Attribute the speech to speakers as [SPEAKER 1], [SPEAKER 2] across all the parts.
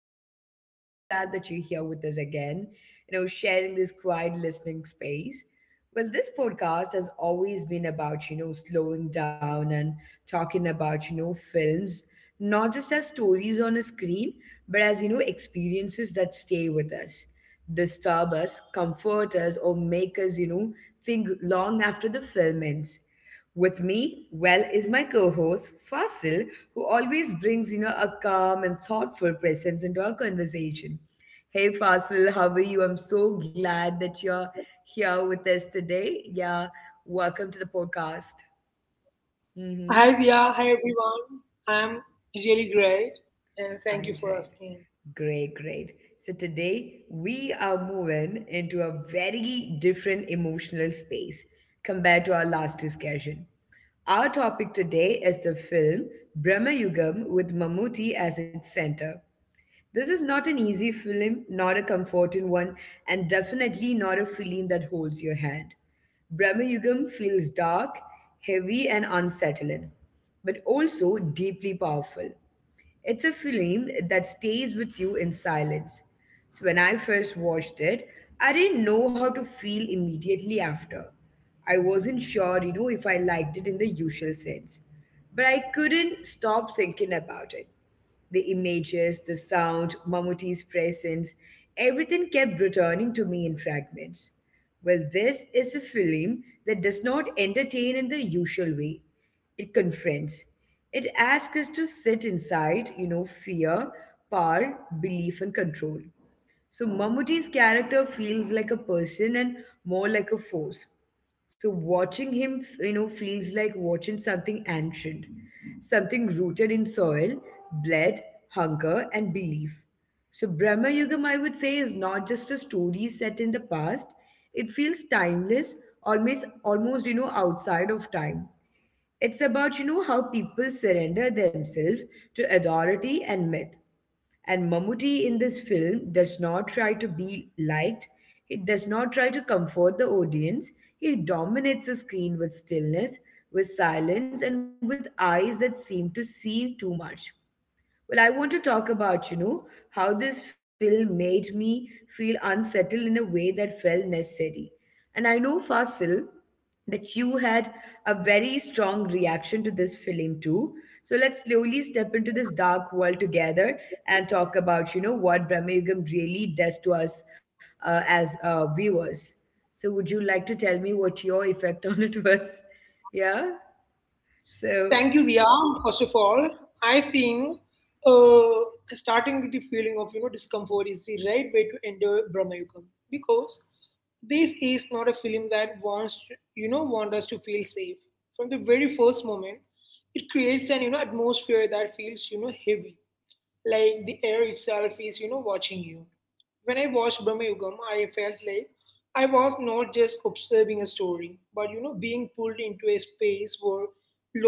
[SPEAKER 1] and I'm really glad that you're here with us again, sharing this quiet listening space. This podcast has always been about, slowing down and talking about, films, not just as stories on a screen, but as, experiences that stay with us, disturb us, comfort us, or make us, think long after the film ends. With me, is my co-host Fasil, who always brings a calm and thoughtful presence into our conversation. Hey Fasil, how are you? I'm so glad that you're here with us today. Yeah, welcome to the podcast.
[SPEAKER 2] Hi,
[SPEAKER 1] Mm-hmm.
[SPEAKER 2] Dia. Hi, everyone. I'm really great. And
[SPEAKER 1] All
[SPEAKER 2] thank you
[SPEAKER 1] right.
[SPEAKER 2] for asking.
[SPEAKER 1] Great. So today we are moving into a very different emotional space compared to our last discussion. Our topic today is the film Brahma Yugam with Mammootty as its center. This is not an easy film, not a comforting one, and definitely not a film that holds your hand. Brahma Yugam feels dark, heavy, and unsettling, but also deeply powerful. It's a film that stays with you in silence. So when I first watched it, I didn't know how to feel immediately after. I wasn't sure, if I liked it in the usual sense. But I couldn't stop thinking about it. The images, the sound, Mamuti's presence, everything kept returning to me in fragments. This is a film that does not entertain in the usual way. It confronts. It asks us to sit inside, fear, power, belief, and control. So Mammootty's character feels like a person and more like a force. So watching him, feels like watching something ancient, something rooted in soil, blood, hunger, and belief. So Brahma Yugam, I would say, is not just a story set in the past. It feels timeless, almost outside of time. It's about, how people surrender themselves to authority and myth. And Mammootty in this film does not try to be liked, he does not try to comfort the audience, he dominates the screen with stillness, with silence, and with eyes that seem to see too much. I want to talk about, how this film made me feel unsettled in a way that felt necessary. And I know, Fasil, that you had a very strong reaction to this film too. So let's slowly step into this dark world together and talk about, what Brahmayugam really does to us as viewers. So would you like to tell me what your effect on it was? Yeah?
[SPEAKER 2] Thank you,
[SPEAKER 1] So,
[SPEAKER 2] Dia. First of all, I think uh, starting with the feeling of discomfort is the right way to enter Brahmayugam because this is not a film that wants you know want us to feel safe from the very first moment. It creates an atmosphere that feels heavy, like the air itself is watching you. When I watched Birmingham, I felt like I was not just observing a story, but being pulled into a space where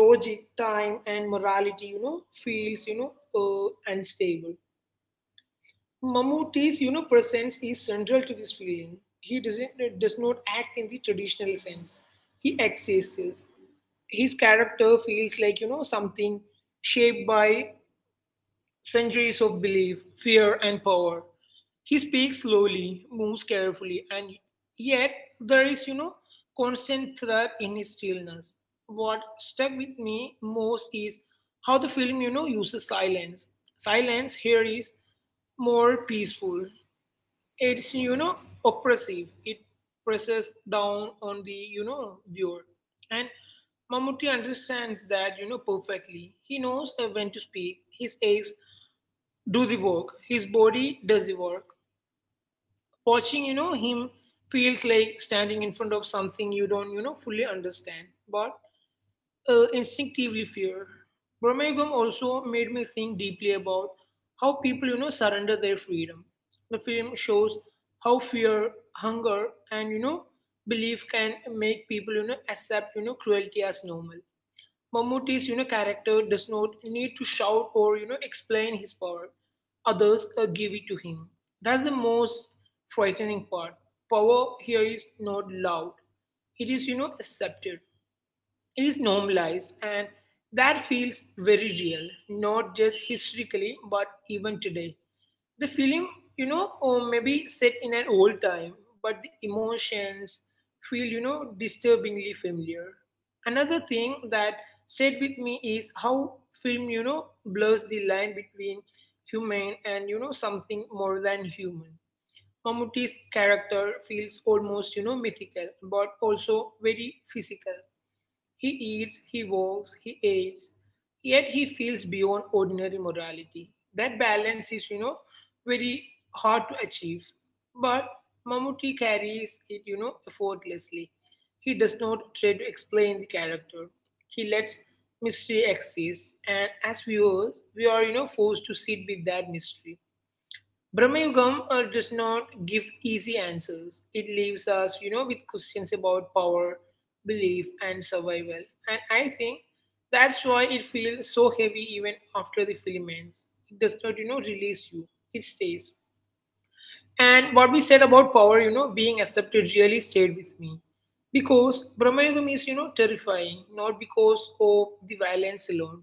[SPEAKER 2] logic, time, and morality, feels unstable. Mammootty's presence is central to this feeling. He does not act in the traditional sense. He exists. His character feels like something shaped by centuries of belief, fear, and power. He speaks slowly, moves carefully, and yet there is, constant threat in his stillness. What stuck with me most is how the film, uses silence. Silence here is more peaceful. It's, oppressive. It presses down on the, viewer. And Mammootty understands that, perfectly. He knows when to speak. His eyes do the work. His body does the work. Watching, him feels like standing in front of something you don't, fully understand, but instinctively fear. Brahmayugam also made me think deeply about how people, surrender their freedom. The film shows how fear, hunger, and belief can make people, accept, cruelty as normal. Mammootty's character does not need to shout or explain his power. Others give it to him. That's the most frightening part. Power here is not loud. It is accepted, is normalized, and that feels very real, not just historically but even today. The film, or maybe set in an old time, but the emotions feel disturbingly familiar. Another thing that stayed with me is how film blurs the line between human and something more than human. Mamuti's character feels almost mythical but also very physical. He eats, he walks, he ages, yet he feels beyond ordinary morality. That balance is, very hard to achieve. But Mamuti carries it, effortlessly. He does not try to explain the character. He lets mystery exist, and as viewers, we are, forced to sit with that mystery. Brahmayugam does not give easy answers. It leaves us, with questions about power, belief, and survival. And I think that's why it feels so heavy even after the film ends. It does not, release you. It stays. And what we said about power, being accepted really stayed with me. Because Brahmayugam is, terrifying, not because of the violence alone,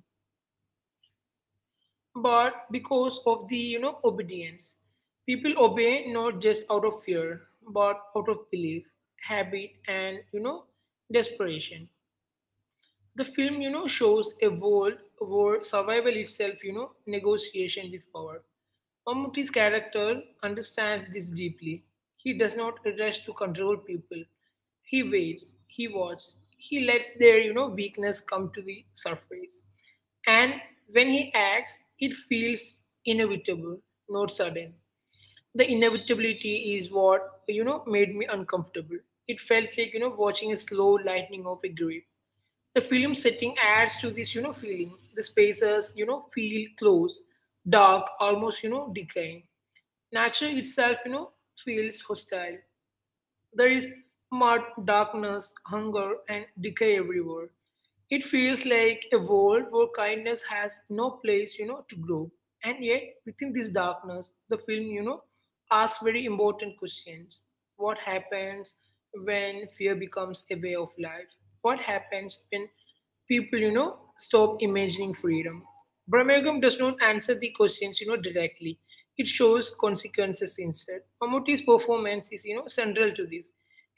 [SPEAKER 2] but because of the obedience. People obey not just out of fear, but out of belief, habit, and desperation. The film, shows a world where survival itself, negotiation with power. Mammootty's character understands this deeply. He does not rush to control people. He waits, he watches, he lets their, weakness come to the surface. And when he acts, it feels inevitable, not sudden. The inevitability is what, made me uncomfortable. It felt like, watching a slow lightning of a grip. The film setting adds to this, feeling. The spaces, feel close, dark, almost, decaying. Nature itself, feels hostile. There is mud, darkness, hunger, and decay everywhere. It feels like a world where kindness has no place, to grow. And yet, within this darkness, the film, asks very important questions. What happens when fear becomes a way of life? What happens when people stop imagining freedom? Brahmagam does not answer the questions directly. It shows consequences instead. Mammootty's performance is central to this.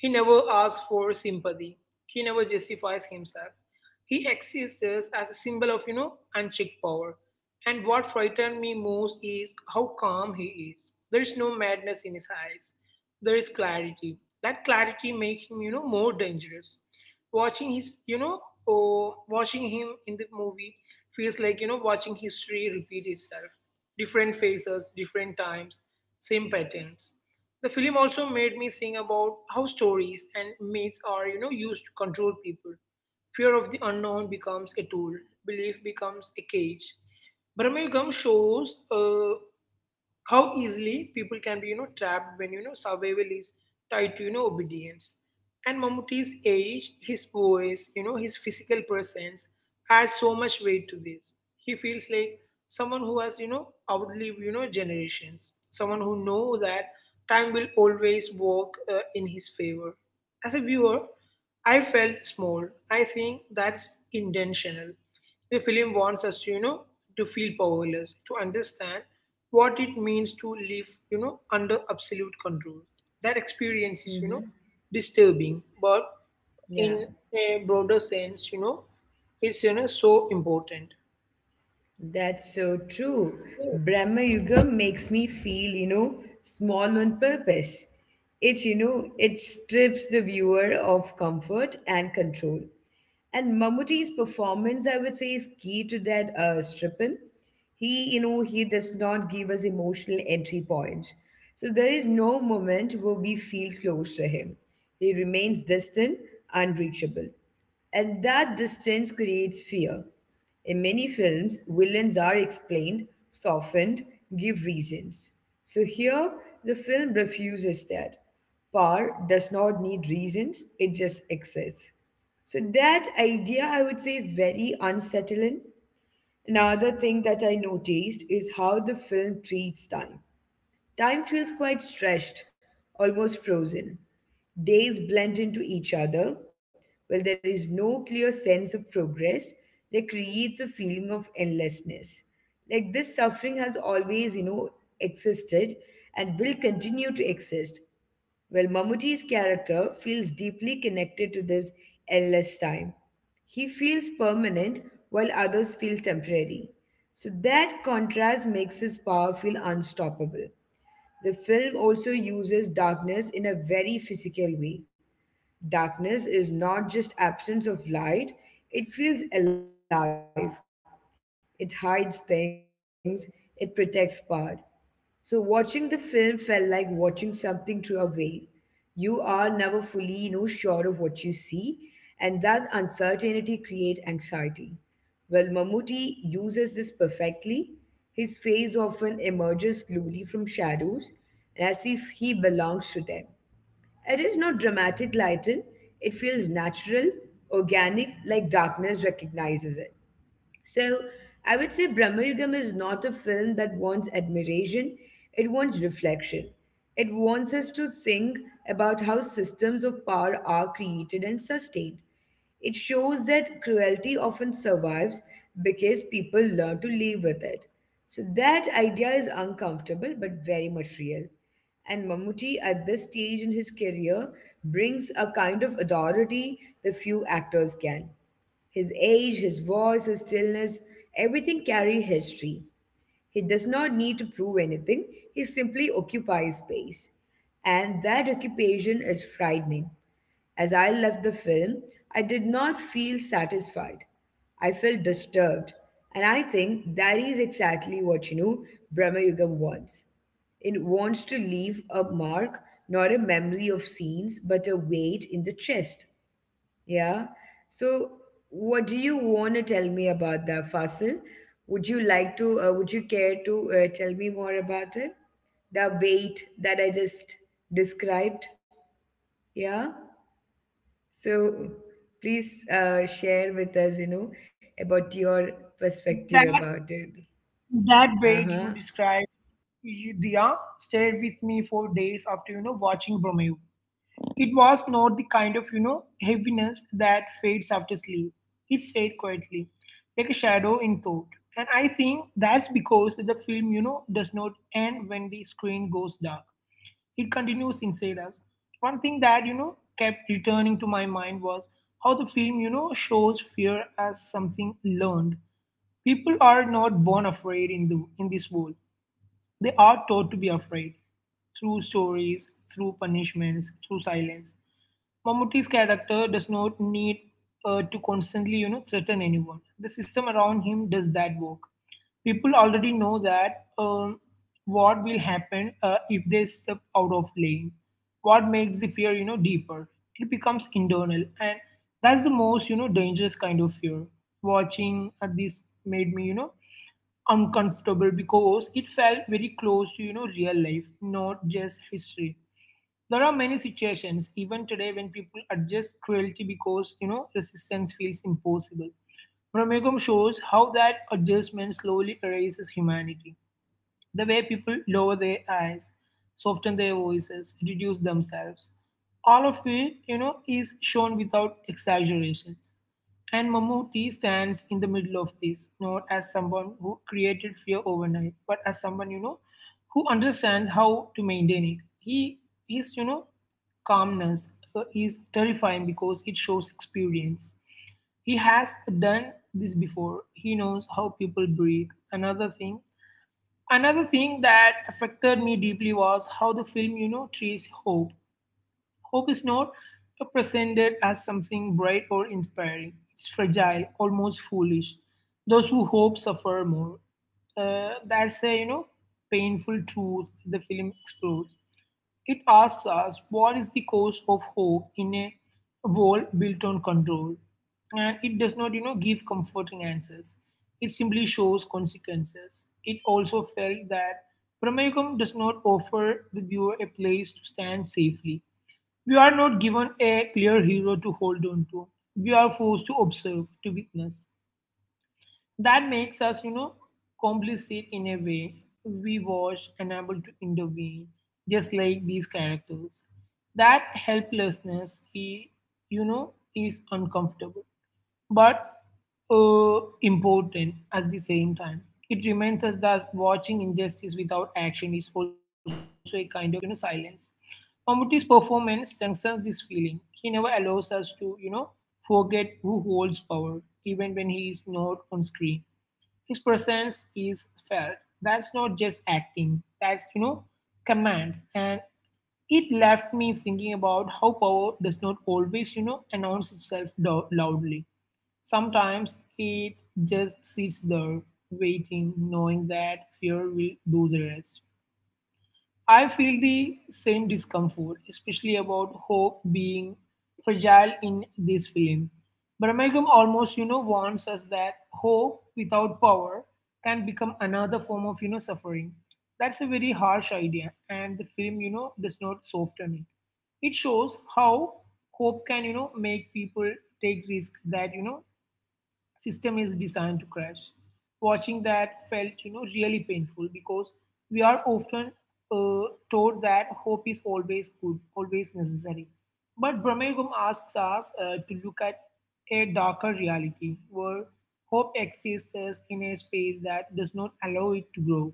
[SPEAKER 2] He never asks for sympathy. He never justifies himself. He exists as a symbol of unchecked power. And what frightened me most is how calm he is. There is no madness in his eyes. There is clarity. That clarity makes him more dangerous. Watching his oh, watching him in the movie feels like watching history repeat itself. Different phases, different times, same patterns. The film also made me think about how stories and myths are used to control people. Fear of the unknown becomes a tool. Belief becomes a cage. Brahmayugam shows how easily people can be trapped when survival is tied to obedience. And Mammootty's age, his voice, his physical presence adds so much weight to this. He feels like someone who has outlived generations, someone who know that time will always work in his favor. As a viewer, I felt small. I think that's intentional. The film wants us to to feel powerless, to understand what it means to live under absolute control. That experience is
[SPEAKER 1] hmm
[SPEAKER 2] disturbing, but in
[SPEAKER 1] yeah.
[SPEAKER 2] a broader sense, it's so important.
[SPEAKER 1] That's so true. Brahma Yuga makes me feel, small on purpose. It strips the viewer of comfort and control. And Mammootty's performance, I would say, is key to that stripping. He does not give us emotional entry points. So there is no moment where we feel close to him. He remains distant, unreachable. And that distance creates fear. In many films, villains are explained, softened, give reasons. So here, the film refuses that. Power does not need reasons, it just exists. So that idea, I would say, is very unsettling. Another thing that I noticed is how the film treats time. Time feels quite stretched, almost frozen. Days blend into each other. While there is no clear sense of progress, they creates a feeling of endlessness. Like this suffering has always, existed and will continue to exist. Mammootty's character feels deeply connected to this endless time. He feels permanent while others feel temporary. So that contrast makes his power feel unstoppable. The film also uses darkness in a very physical way. Darkness is not just absence of light, it feels alive. It hides things, it protects power. So, watching the film felt like watching something through a veil. You are never fully, sure of what you see, and that uncertainty creates anxiety. Mammootty uses this perfectly. His face often emerges slowly from shadows, as if he belongs to them. It is not dramatic lighting; it feels natural, organic, like darkness recognizes it. So I would say Brahma Yugam is not a film that wants admiration, it wants reflection. It wants us to think about how systems of power are created and sustained. It shows that cruelty often survives because people learn to live with it. So that idea is uncomfortable but very much real. And Mammootty, at this stage in his career, brings a kind of authority the few actors can. His age, his voice, his stillness, everything carry history. He does not need to prove anything, he simply occupies space. And that occupation is frightening. As I left the film, I did not feel satisfied. I felt disturbed. And I think that is exactly what Brahma Yugam wants. It wants to leave a mark, not a memory of scenes, but a weight in the chest. Yeah. So, what do you want to tell me about that fossil? Would you like to, would you care to tell me more about it? The weight that I just described? Yeah. So, please share with us, about your perspective about
[SPEAKER 2] that
[SPEAKER 1] it.
[SPEAKER 2] that
[SPEAKER 1] Uh
[SPEAKER 2] way
[SPEAKER 1] huh.
[SPEAKER 2] you described, you, Dia, stayed with me for days after watching Bromeo. It was not the kind of, heaviness that fades after sleep. It stayed quietly, like a shadow in thought. And I think that's because the film, does not end when the screen goes dark. It continues inside us. One thing that, kept returning to my mind was how the film, shows fear as something learned. People are not born afraid in the in this world. They are taught to be afraid through stories, through punishments, through silence. Mammootty's character does not need to constantly, threaten anyone. The system around him does that work. People already know that what will happen if they step out of lane. What makes the fear, deeper? It becomes internal, and that's the most, dangerous kind of fear. Watching this made me, uncomfortable because it felt very close to real life, not just history. There are many situations even today when people adjust cruelty because resistance feels impossible. Ramegam shows how that adjustment slowly erases humanity. The way people lower their eyes, soften their voices, reduce themselves, all of it, is shown without exaggerations. And Mammootty stands in the middle of this, not as someone who created fear overnight, but as someone, who understands how to maintain it. He his, you know, calmness is terrifying because it shows experience. He has done this before. He knows how people breathe. Another thing another thing that affected me deeply was how the film treats hope. Hope is not presented as something bright or inspiring. It's fragile, almost foolish. Those who hope suffer more. That's a painful truth the film explores. It asks us, what is the cause of hope in a world built on control? And it does not, give comforting answers. It simply shows consequences. It also felt that Pramayagam does not offer the viewer a place to stand safely. We are not given a clear hero to hold on to. We are forced to observe, to witness, that makes us, complicit in a way. We watch, and able to intervene, just like these characters. That helplessness, he, you know, is uncomfortable, but important at the same time. It reminds us that watching injustice without action is also a kind of, silence. Mammootty's performance strengthens this feeling. He never allows us to, forget who holds power, even when he is not on screen. His presence is felt. That's not just acting. That's command. And it left me thinking about how power does not always announce itself loudly. Sometimes it just sits there, waiting, knowing that fear will do the rest. I feel the same discomfort, especially about hope being fragile in this film. Birmingham almost, warns us that hope without power can become another form of, suffering. That's a very harsh idea, and the film, does not soften it. It shows how hope can, make people take risks that, system is designed to crash. Watching that felt, really painful because we are often uh, told that hope is always good, always necessary. But Brahmagum asks us to look at a darker reality where hope exists in a space that does not allow it to grow.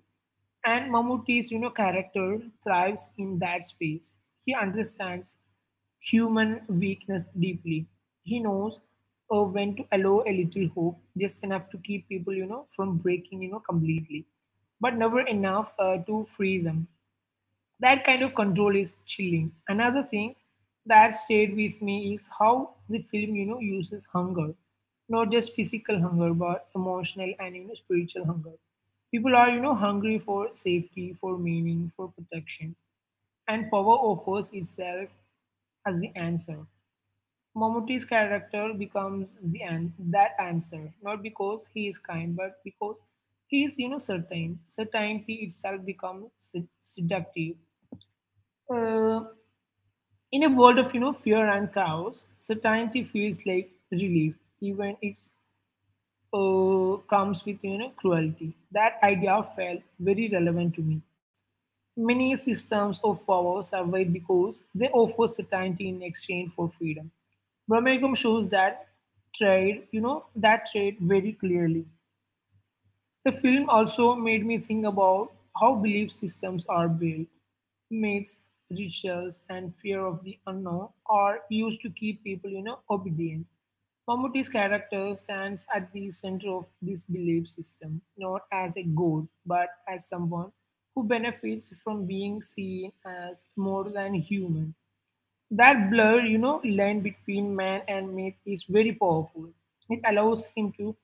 [SPEAKER 2] And Mammootty's character thrives in that space. He understands human weakness deeply. He knows when to allow a little hope, just enough to keep people from breaking completely, but never enough to free them. That kind of control is chilling. Another thing that stayed with me is how the film, uses hunger, not just physical hunger, but emotional and spiritual hunger. People are, hungry for safety, for meaning, for protection, and power offers itself as the answer. Momot's character becomes that answer, not because he is kind, but because he is, certain. Certainty itself becomes seductive. Uh, in a world of fear and chaos, certainty feels like relief, even it's comes with cruelty. That idea felt very relevant to me. Many systems of power survive because they offer certainty in exchange for freedom. Brahmagam shows that that trade very clearly. The film also made me think about how belief systems are built. Myths, rituals, and fear of the unknown are used to keep people, obedient. Mammootty's character stands at the center of this belief system, not as a god, but as someone who benefits from being seen as more than human. That blur, line between man and myth is very powerful. It allows him to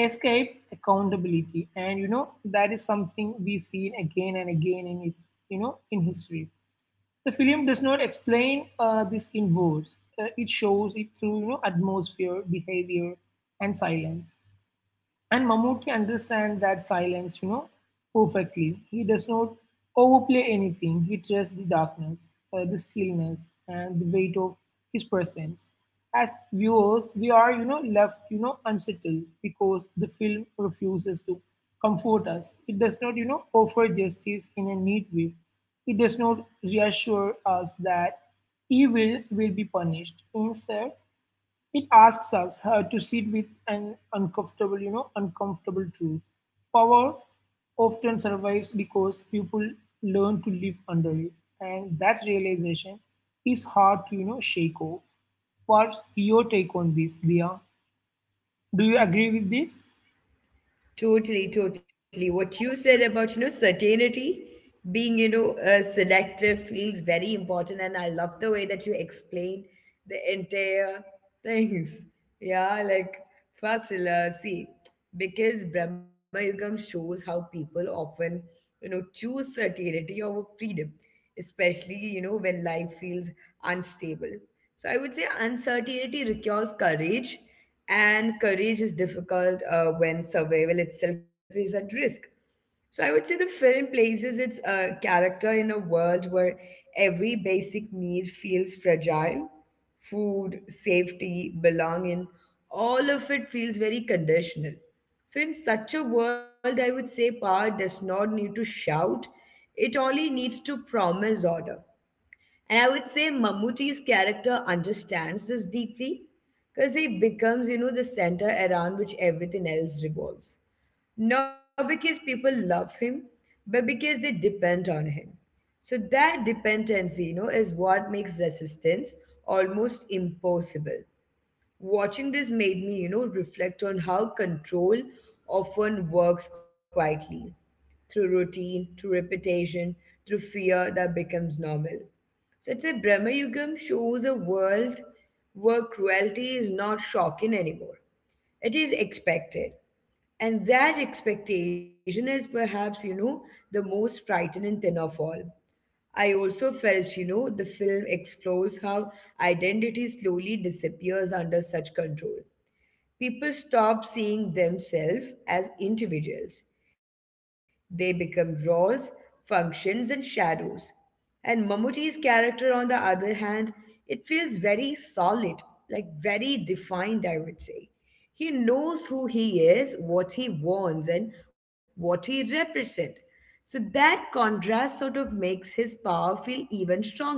[SPEAKER 2] escape accountability, and that is something we see again and again in history. The film does not explain this in words. It shows it through, atmosphere, behavior, and silence. And Mammootty understands that silence, perfectly. He does not overplay anything. He trusts the darkness, the stillness, and the weight of his presence. As viewers, we are, left unsettled because the film refuses to comfort us. It does not, offer justice in a neat way. It does not reassure us that evil will be punished. Instead, it asks us to sit with an uncomfortable truth. Power often survives because people learn to live under it, and that realization is hard to, shake off. What's your take on this, Dia? Do you agree with this?
[SPEAKER 1] Totally, totally. What you said about, certainty being, selective feels very important. And I love the way that you explain the entire things. Yeah, like Fasila, see, because Brahma Yugam shows how people often, choose certainty over freedom, especially, when life feels unstable. So I would say uncertainty requires courage and courage is difficult when survival itself is at risk. So I would say the film places its character in a world where every basic need feels fragile. Food, safety, belonging, all of it feels very conditional. So in such a world, I would say power does not need to shout. It only needs to promise order. And I would say Mammootty's character understands this deeply because he becomes, the center around which everything else revolves. Not because people love him, but because they depend on him. So that dependency, is what makes resistance almost impossible. Watching this made me, reflect on how control often works quietly through routine, through repetition, through fear that becomes normal. So it's a Brahma Yugam shows a world where cruelty is not shocking anymore. It is expected. And that expectation is perhaps, the most frightening thing of all. I also felt, the film explores how identity slowly disappears under such control. People stop seeing themselves as individuals. They become roles, functions, and shadows. And Mammootty's character, on the other hand, it feels very solid, like very defined, I would say. He knows who he is, what he wants, and what he represents. So that contrast sort of makes his power feel even stronger.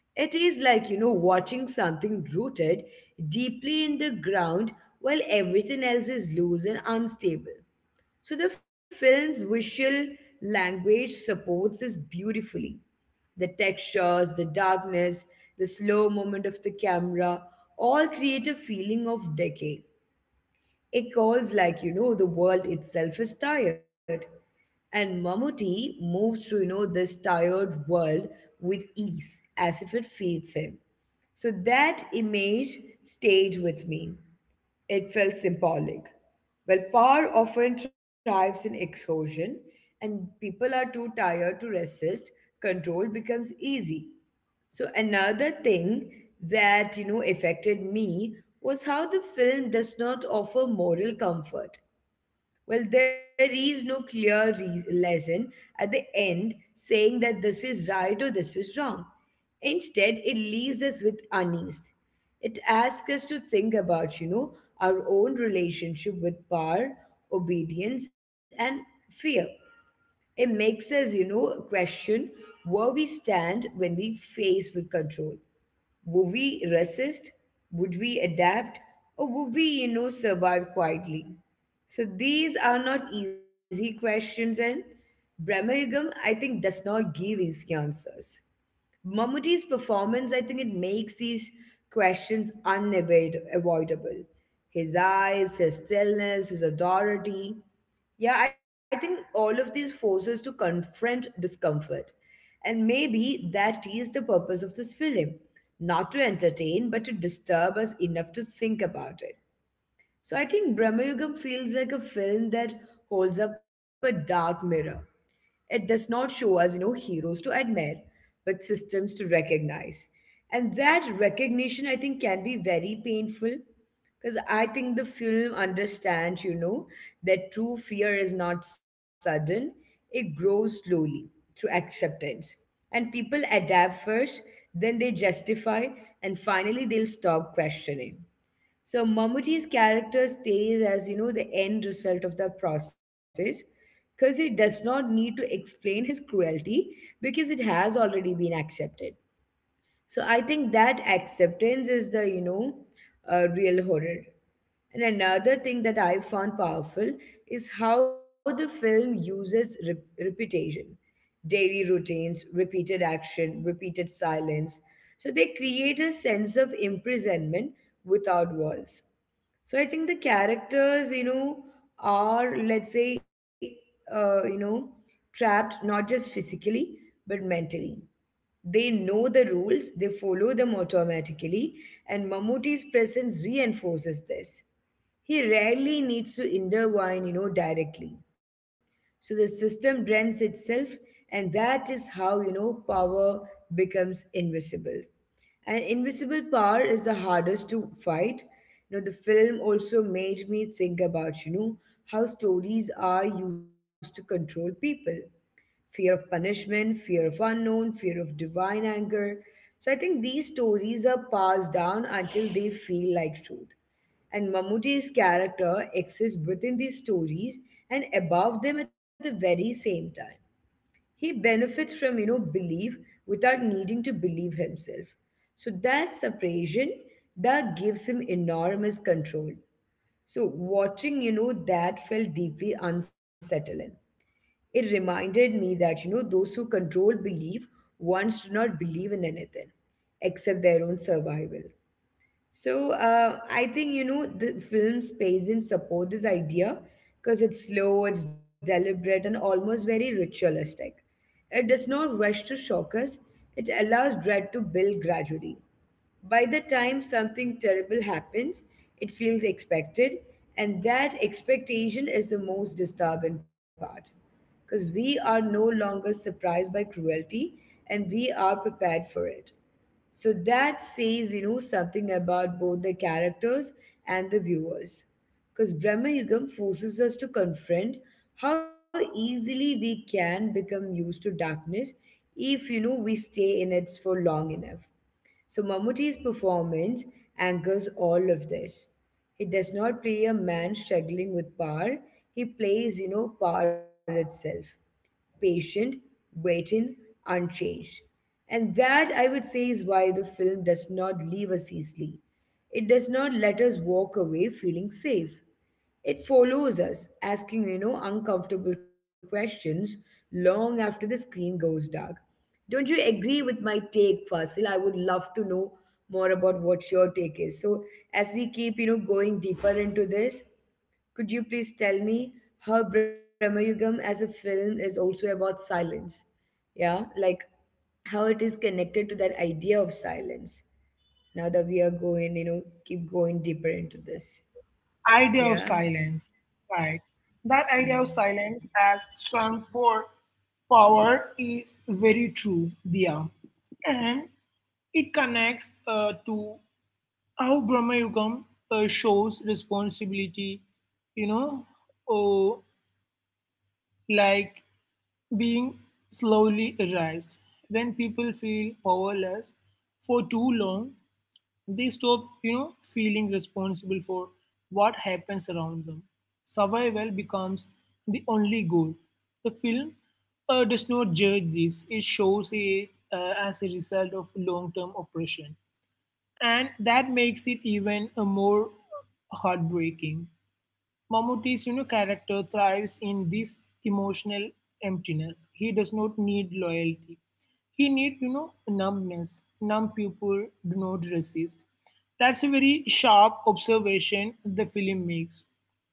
[SPEAKER 1] It is like, watching something rooted deeply in the ground while everything else is loose and unstable. So the film's visual language supports this beautifully. The textures, the darkness, the slow movement of the camera all create a feeling of decay. It calls like, the world itself is tired. And Mammootty moves through, this tired world with ease, as if it feeds him. So that image stayed with me. It felt symbolic. Power often thrives in exhaustion, and people are too tired to resist. Control becomes easy. So, another thing that affected me was how the film does not offer moral comfort. There is no clear lesson at the end saying that this is right or this is wrong. Instead, it leaves us with unease. It asks us to think about, our own relationship with power, obedience, and fear. It makes us, question where we stand when we face with control. Would we resist? Would we adapt? Or would we, survive quietly? So these are not easy questions, and Brahma Yugam, I think, does not give easy answers. Mammootty's performance, I think it makes these questions unavoidable. His eyes, his stillness, his authority. Yeah, I think all of these forces to confront discomfort. And maybe that is the purpose of this film not to entertain, but to disturb us enough to think about it. So I think Brahmayugam feels like a film that holds up a dark mirror it does not show us, heroes to admire, but systems to recognize. And that recognition, I think, can be very painful because I think the film understands, that true fear is not sudden, it grows slowly through acceptance. And people adapt first, then they justify, and finally they'll stop questioning. So Mammootty's character stays as the end result of the process because he does not need to explain his cruelty because it has already been accepted. So I think that acceptance is the real horror. And another thing that I found powerful is how the film uses repetition, daily routines, repeated action, repeated silence. So they create a sense of imprisonment without walls. So I think the characters, are, let's say, uh, you know, trapped not just physically but mentally. They know the rules, they follow them automatically, and Mammootty's presence reinforces this. He rarely needs to intervene, directly. So the system rents itself, and that is how, power becomes invisible. And invisible power is the hardest to fight. The film also made me think about, how stories are used to control people: fear of punishment, fear of unknown, fear of divine anger. So I think these stories are passed down until they feel like truth. And Mammootty's character exists within these stories and above them at the very same time. He benefits from, belief without needing to believe himself. So that separation, that gives him enormous control. So watching, that felt deeply unsettling. It reminded me that, those who control belief once do not believe in anything except their own survival. So I think, the film's pacing support this idea because it's slow, it's deliberate, and almost very ritualistic. It does not rush to shock us. It allows dread to build gradually. By the time something terrible happens, it feels expected, and that expectation is the most disturbing part, because we are no longer surprised by cruelty and we are prepared for it. So that says, something about both the characters and the viewers, because Brahma Yugam forces us to confront how easily we can become used to darkness if, we stay in it for long enough. So Mammootty's performance angers all of this. He does not play a man struggling with power. He plays, power itself. Patient, waiting, unchanged. And that, I would say, is why the film does not leave us easily. It does not let us walk away feeling safe. It follows us, asking, uncomfortable questions long after the screen goes dark. Don't you agree with my take, Fasil? I would love to know more about what your take is. So, as we keep, going deeper into this, could you please tell me how Brahmayugam as a film is also about silence? Yeah, like how it is connected to that idea of silence. Now that we are going, keep going deeper into this.
[SPEAKER 2] Idea of
[SPEAKER 1] Yeah.
[SPEAKER 2] silence, right? That
[SPEAKER 1] Hmm.
[SPEAKER 2] idea of silence as strong for power is very true, Dia. And it connects to how Brahma Yugam shows responsibility, you know, oh, like being slowly erased. When people feel powerless for too long, they stop, feeling responsible for what happens around them. Survival becomes the only goal. The film does not judge this. It shows it as a result of long-term oppression, and that makes it even more heartbreaking. Mammootty's character thrives in this emotional emptiness. He does not need loyalty. He need numbness. Numb people do not resist. That's a very sharp observation the film makes.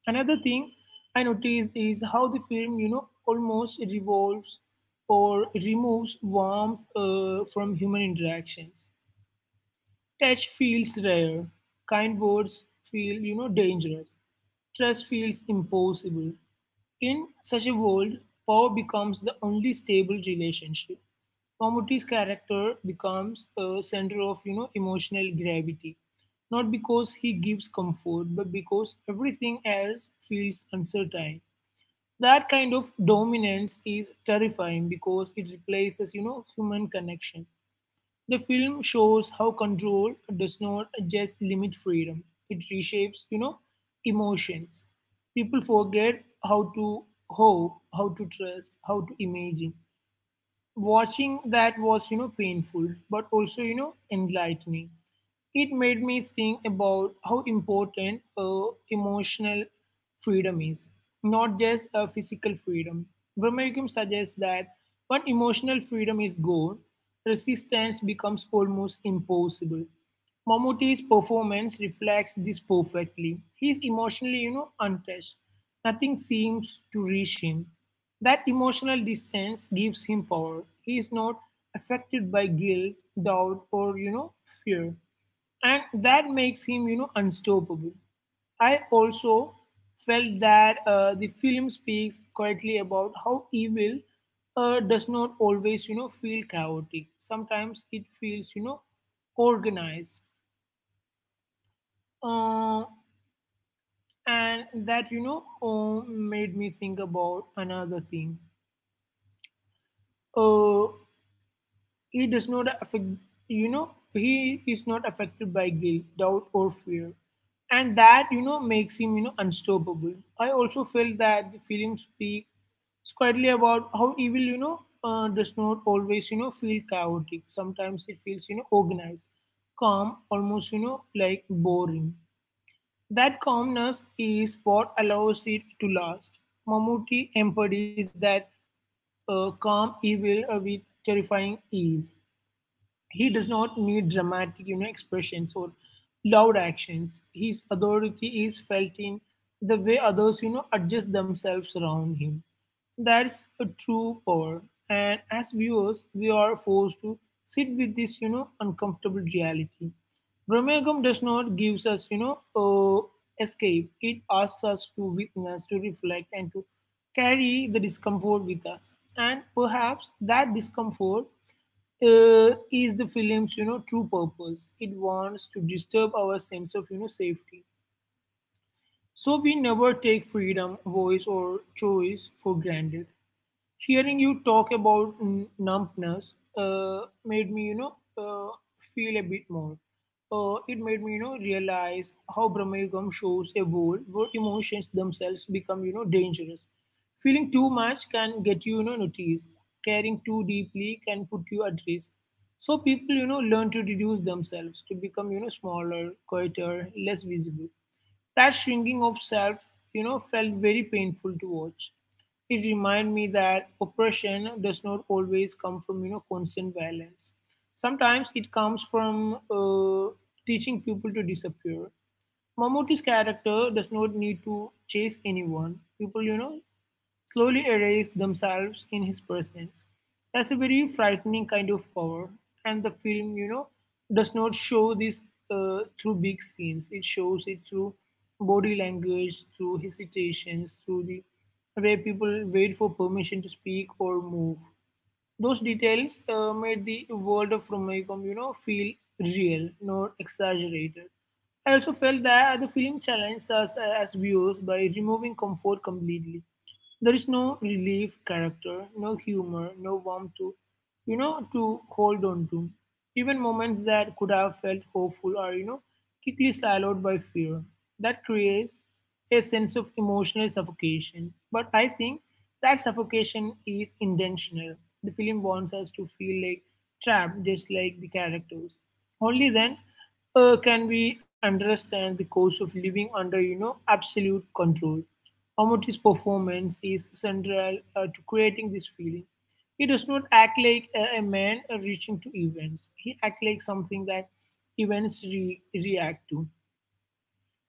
[SPEAKER 2] Another thing I noticed is how the film, almost revolves or removes warmth from human interactions. Touch feels rare. Kind words feel, dangerous. Trust feels impossible. In such a world, power becomes the only stable relationship. Mammootty's character becomes a center of, emotional gravity. Not because he gives comfort, but because everything else feels uncertain. That kind of dominance is terrifying because it replaces, human connection. The film shows how control does not just limit freedom; it reshapes, emotions. People forget how to hope, how to trust, how to imagine. Watching that was, painful, but also enlightening. It made me think about how important emotional freedom is, not just a physical freedom. Brahmayugam suggests that when emotional freedom is gone, resistance becomes almost impossible. Mammootty's performance reflects this perfectly. He's emotionally, untouched. Nothing seems to reach him. That emotional distance gives him power. He is not affected by guilt, doubt, or fear, and that makes him unstoppable. I also felt that the film speaks quietly about how evil does not always feel chaotic. Sometimes it feels organized, uh, and that made me think about another thing uh, He does not affect he is not affected by guilt, doubt, or fear, and that makes him unstoppable. I also felt that the film speaks quietly about how evil does not always feel chaotic. Sometimes it feels organized, calm, almost like boring. That calmness is what allows it to last. Mammootty embodies that calm evil with terrifying ease. He does not need dramatic expressions or loud actions. His authority is felt in the way others adjust themselves around him. That's a true power. And as viewers, we are forced to sit with this uncomfortable reality. Brahmagam does not gives us, escape. It asks us to witness, to reflect, and to carry the discomfort with us. And perhaps that discomfort is the film's true purpose. It wants to disturb our sense of safety, so we never take freedom, voice, or choice for granted. Hearing you talk about numbness made me feel a bit more. It made me, realize how Brahmagam shows a world where emotions themselves become, dangerous. Feeling too much can get you, noticed. Caring too deeply can put you at risk. So people, learn to reduce themselves to become, smaller, quieter, less visible. That shrinking of self, felt very painful to watch. It reminded me that oppression does not always come from, constant violence. Sometimes it comes from teaching people to disappear. Mammootty's character does not need to chase anyone. People, slowly erase themselves in his presence. That's a very frightening kind of power. And the film, does not show this through big scenes. It shows it through body language, through hesitations, through the way people wait for permission to speak or move. Those details made the world of Romeo, feel real, not exaggerated. I also felt that the film challenged us as viewers by removing comfort completely. There is no relief character, no humor, no warmth to, to hold on to. Even moments that could have felt hopeful are, quickly siloed by fear. That creates a sense of emotional suffocation. But I think that suffocation is intentional. The film wants us to feel like trapped, just like the characters. Only then can we understand the cost of living under, absolute control. Amati's performance is central to creating this feeling. He does not act like a man reaching to events. He acts like something that events react to.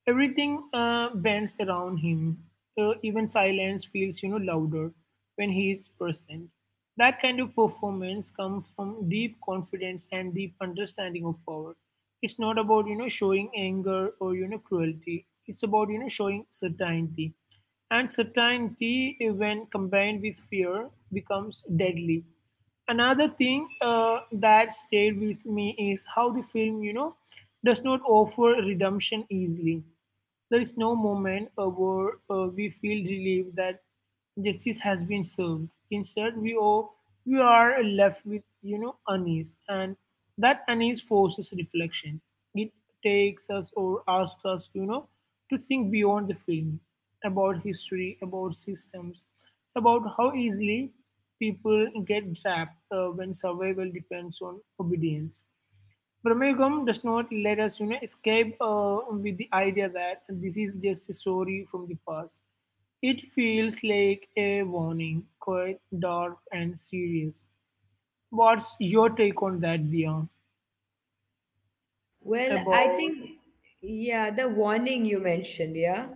[SPEAKER 2] Everything bends around him. Even silence feels, louder when he is present. That kind of performance comes from deep confidence and deep understanding of power. It's not about, showing anger or, cruelty. It's about, showing certainty. And certainty, when combined with fear, becomes deadly. Another thing that stayed with me is how the film does not offer redemption easily. There is no moment where we feel relieved that justice has been served. Instead, we are left with unease, and that unease forces reflection. It takes us or asks us, to think beyond the film, about history, about systems, about how easily people get trapped when survival depends on obedience. Brahmagum does not let us, escape with the idea that this is just a story from the past. It feels like a warning, quite dark and serious. What's your take on that, Dia?
[SPEAKER 1] Well, I
[SPEAKER 2] About
[SPEAKER 1] think, yeah, the warning you mentioned, yeah.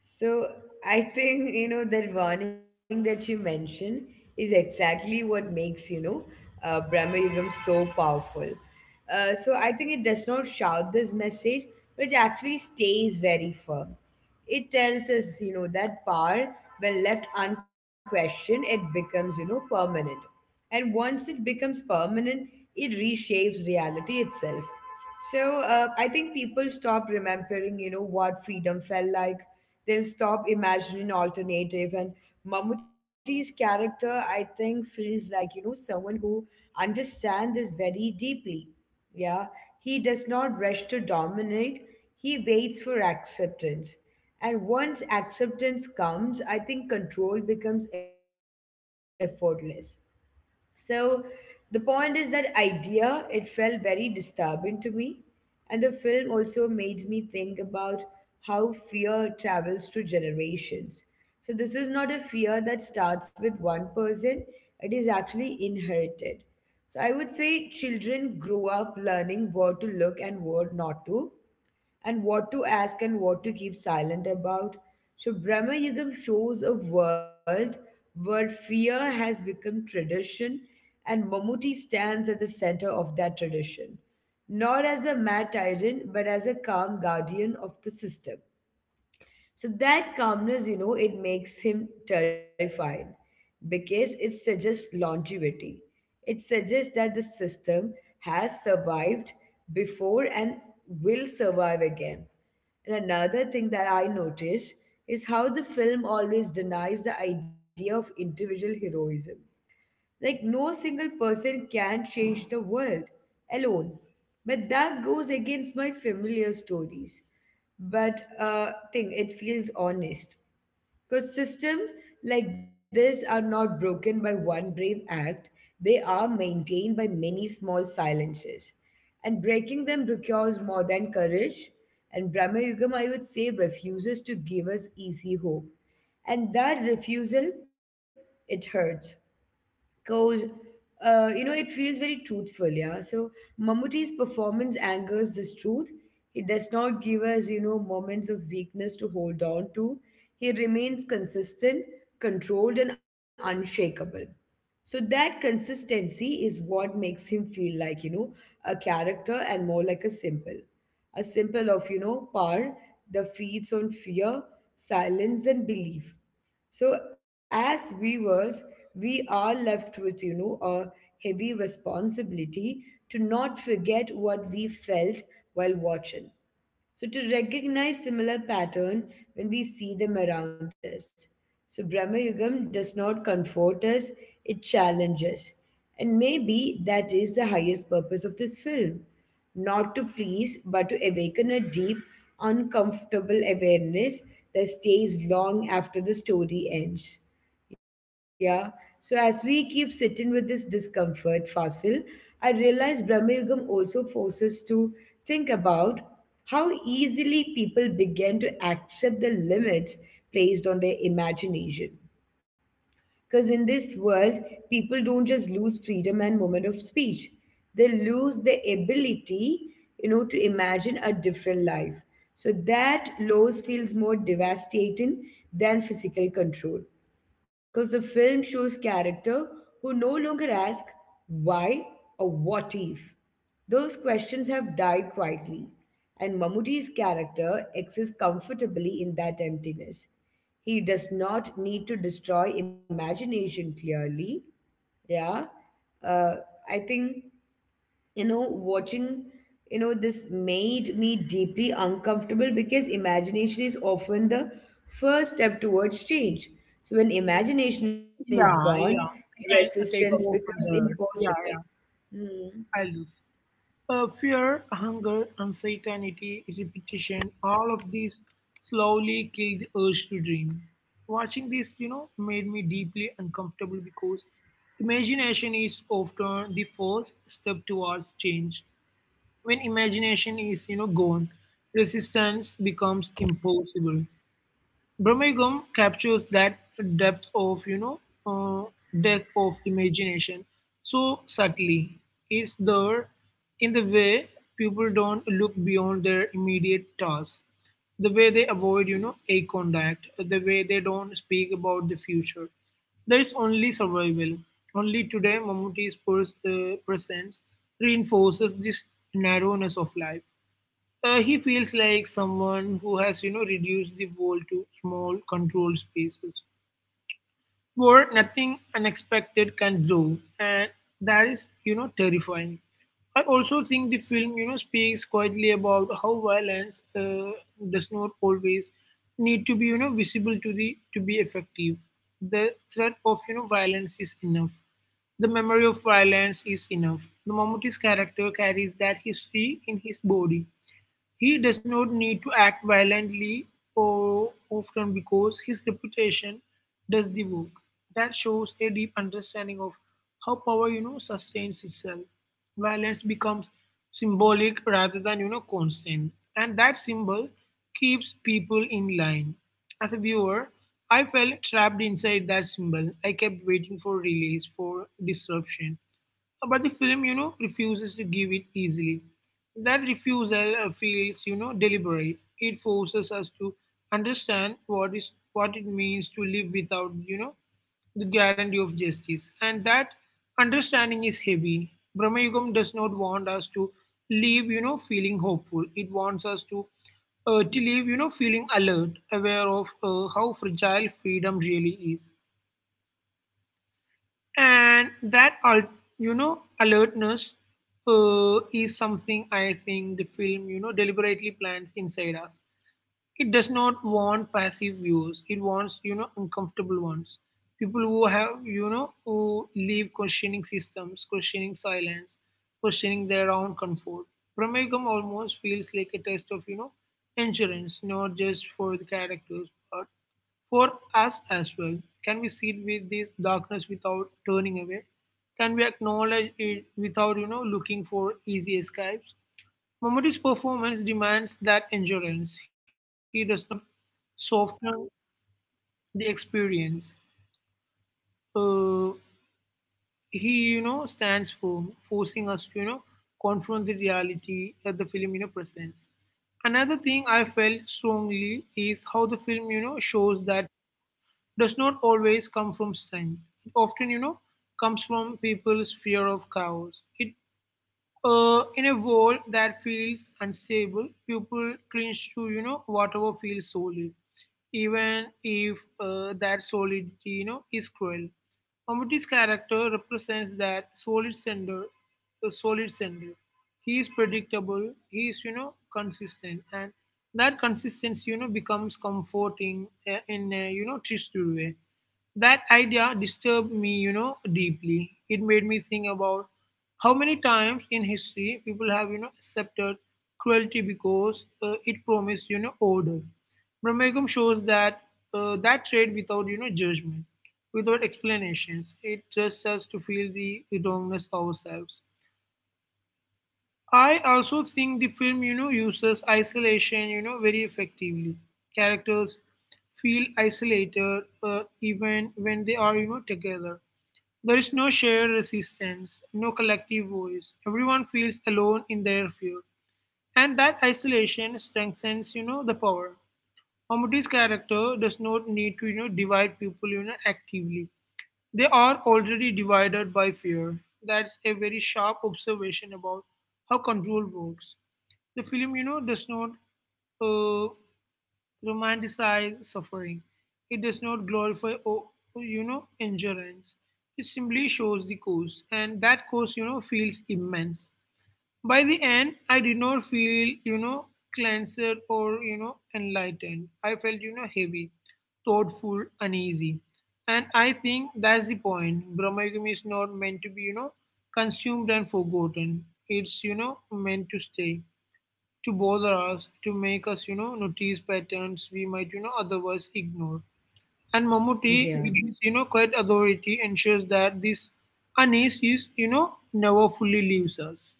[SPEAKER 1] So I think, that warning that you mentioned is exactly what makes, Brahmayugam so powerful. So I think it does not shout this message, but it actually stays very firm. It tells us, that power, when left unquestioned, it becomes, permanent. And once it becomes permanent, it reshapes reality itself. So I think people stop remembering, what freedom felt like. They'll stop imagining alternative. And Mammootty's character, I think, feels like, someone who understands this very deeply. Yeah. He does not rush to dominate. He waits for acceptance. And once acceptance comes, I think control becomes effortless. So the point is that idea, it felt very disturbing to me. And the film also made me think about how fear travels through generations. So this is not a fear that starts with one person, it is actually inherited. So I would say children grow up learning what to look and what not to, and what to ask and what to keep silent about. So, Brahma Yugam shows a world where fear has become tradition, and Mammootty stands at the center of that tradition, not as a mad tyrant, but as a calm guardian of the system. So that calmness, it makes him terrified because it suggests longevity. It suggests that the system has survived before and will survive again. And another thing that I noticed is how the film always denies the idea of individual heroism. Like, no single person can change the world alone. But that goes against my familiar stories. But thing, it feels honest, because systems like this are not broken by one brave act, they are maintained by many small silences. And breaking them requires more than courage. And Brahma Yugam, I would say, refuses to give us easy hope. And that refusal, it hurts goes it feels very truthful. Yeah. So Mammootty's performance angers this truth. He does not give us moments of weakness to hold on to. He remains consistent, controlled and unshakable. So that consistency is what makes him feel like a character and more like a symbol, a symbol of power that feeds on fear, silence and belief. So, as viewers, we are left with, a heavy responsibility to not forget what we felt while watching. So, to recognize similar pattern when we see them around us. So, Brahma Yugam does not comfort us, it challenges. And maybe that is the highest purpose of this film: not to please, but to awaken a deep, uncomfortable awareness that stays long after the story ends. Yeah. So as we keep sitting with this discomfort, Fasil, I realize Brahma Yugam also forces to think about how easily people begin to accept the limits placed on their imagination, because in this world, people don't just lose freedom and moment of speech. They lose the ability, to imagine a different life. So that loss feels more devastating than physical control, because the film shows character who no longer ask why or what if. Those questions have died quietly, and Mammootty's character exists comfortably in that emptiness. He does not need to destroy imagination clearly. Yeah. Uh, I think, watching, this made me deeply uncomfortable because imagination is often the first step towards change. So when imagination is
[SPEAKER 2] yeah,
[SPEAKER 1] gone,
[SPEAKER 2] yeah. I can
[SPEAKER 1] resistance
[SPEAKER 2] take over
[SPEAKER 1] becomes
[SPEAKER 2] from there. Yeah,
[SPEAKER 1] impossible. Hmm.
[SPEAKER 2] yeah. I'll do. Fear, hunger, uncertainty, repetition, all of these slowly kill the urge to dream. Watching this, made me deeply uncomfortable because imagination is often the first step towards change. When imagination is, gone, resistance becomes impossible. Birmingham captures that depth of, you know, uh, depth of imagination so subtly. It's there in the way people don't look beyond their immediate tasks, the way they avoid, eye contact, the way they don't speak about the future. There is only survival. Only today, Mammootty's presence reinforces this narrowness of life. He feels like someone who has, reduced the world to small, controlled spaces where nothing unexpected can grow, and that is, terrifying. I also think the film, speaks quietly about how violence does not always need to be, visible to be effective. The threat of, violence is enough. The memory of violence is enough. The moment his character carries that history in his body, he does not need to act violently or often because his reputation does the work. That shows a deep understanding of how power, sustains itself. Violence becomes symbolic rather than, constant. And that symbol keeps people in line. As a viewer, I felt trapped inside that symbol. I kept waiting for release, for disruption, but the film refuses to give it easily. That refusal feels, deliberate. It forces us to understand what it means to live without, the guarantee of justice, and that understanding is heavy. Brahmayugam does not want us to leave, feeling hopeful. It wants us to leave, feeling alert, aware of how fragile freedom really is. And alertness is something I think the film deliberately plants inside us. It does not want passive views. It wants, uncomfortable ones. People who have who live questioning systems, questioning silence, questioning their own comfort. Pramegam almost feels like a test of, endurance, not just for the characters but for us as well. Can we sit with this darkness without turning away? Can we acknowledge it without, looking for easy escapes? Momodi's performance demands that endurance. He does not soften the experience. Uh, he stands firm, forcing us to, confront the reality that the film, presents. Another thing I felt strongly is how the film, shows that does not always come from strength. It often, comes from people's fear of chaos. It In a world that feels unstable, people clinch to, whatever feels solid, even if that solidity is cruel. Mammootty's character represents that solid sender, a solid sender. He is predictable. He is, consistent, and that consistency becomes comforting in a, twisted way. That idea disturbed me, deeply. It made me think about how many times in history people have, accepted cruelty because it promised, order. Brahmagam shows that that trade without, judgment, without explanations. It trusts us to feel the wrongness ourselves. I also think the film uses isolation very effectively. Characters feel isolated even when they are, together. There is no shared resistance, no collective voice. Everyone feels alone in their fear. And that isolation strengthens, the power. Mammootty's character does not need to, divide people, actively. They are already divided by fear. That's a very sharp observation about how control works. The film, does not uh, romanticize suffering. It does not glorify endurance. It simply shows the cost, and that cost, feels immense. By the end, I did not feel, cleansed or, enlightened. I felt, heavy, thoughtful, uneasy. And I think that's the point. Brahmayugam is not meant to be, consumed and forgotten. It's, meant to stay, to bother us, to make us, notice patterns we might, otherwise ignore. And Mammootty, with his,
[SPEAKER 1] Yeah.
[SPEAKER 2] quiet authority, ensures that this unease is, never fully leaves us.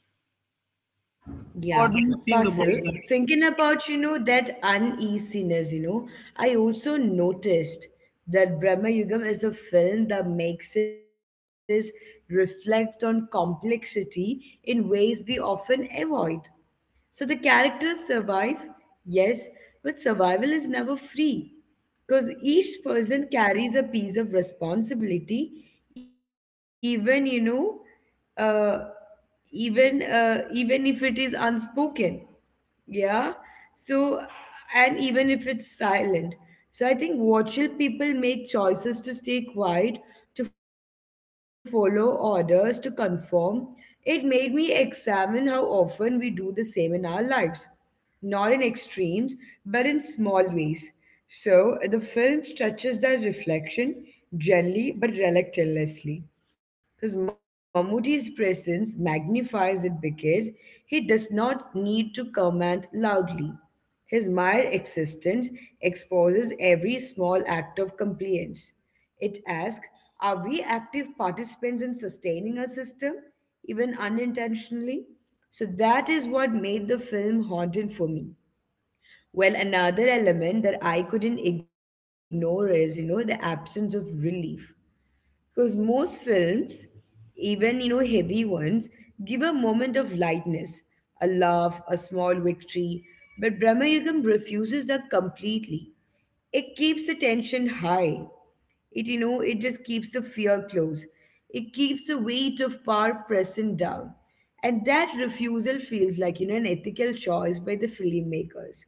[SPEAKER 2] What
[SPEAKER 1] Yeah,
[SPEAKER 2] do you think about that?
[SPEAKER 1] Fasil, thinking about, that uneasiness, I also noticed that Brahma Yugam is a film that makes us reflect on complexity in ways we often avoid. So the characters survive, yes, but survival is never free because each person carries a piece of responsibility, even, you know, uh, even even if it is unspoken. Yeah. So, and even if it's silent, so I think watchful people make choices to stay quiet, to follow orders, to conform. It made me examine how often we do the same in our lives, not in extremes, but in small ways. So the film stretches that reflection gently but relentlessly, because Mammootty's presence magnifies it, because he does not need to command loudly. His mere existence exposes every small act of compliance. It asks, are we active participants in sustaining a system, even unintentionally? So that is what made the film haunting for me. Well, another element that I couldn't ignore is, the absence of relief. Because most films, even heavy ones, give a moment of lightness, a laugh, a small victory. But Brahmayugam refuses that completely. It keeps the tension high. It it just keeps the fear close. It keeps the weight of power pressing down. And that refusal feels like an ethical choice by the filmmakers.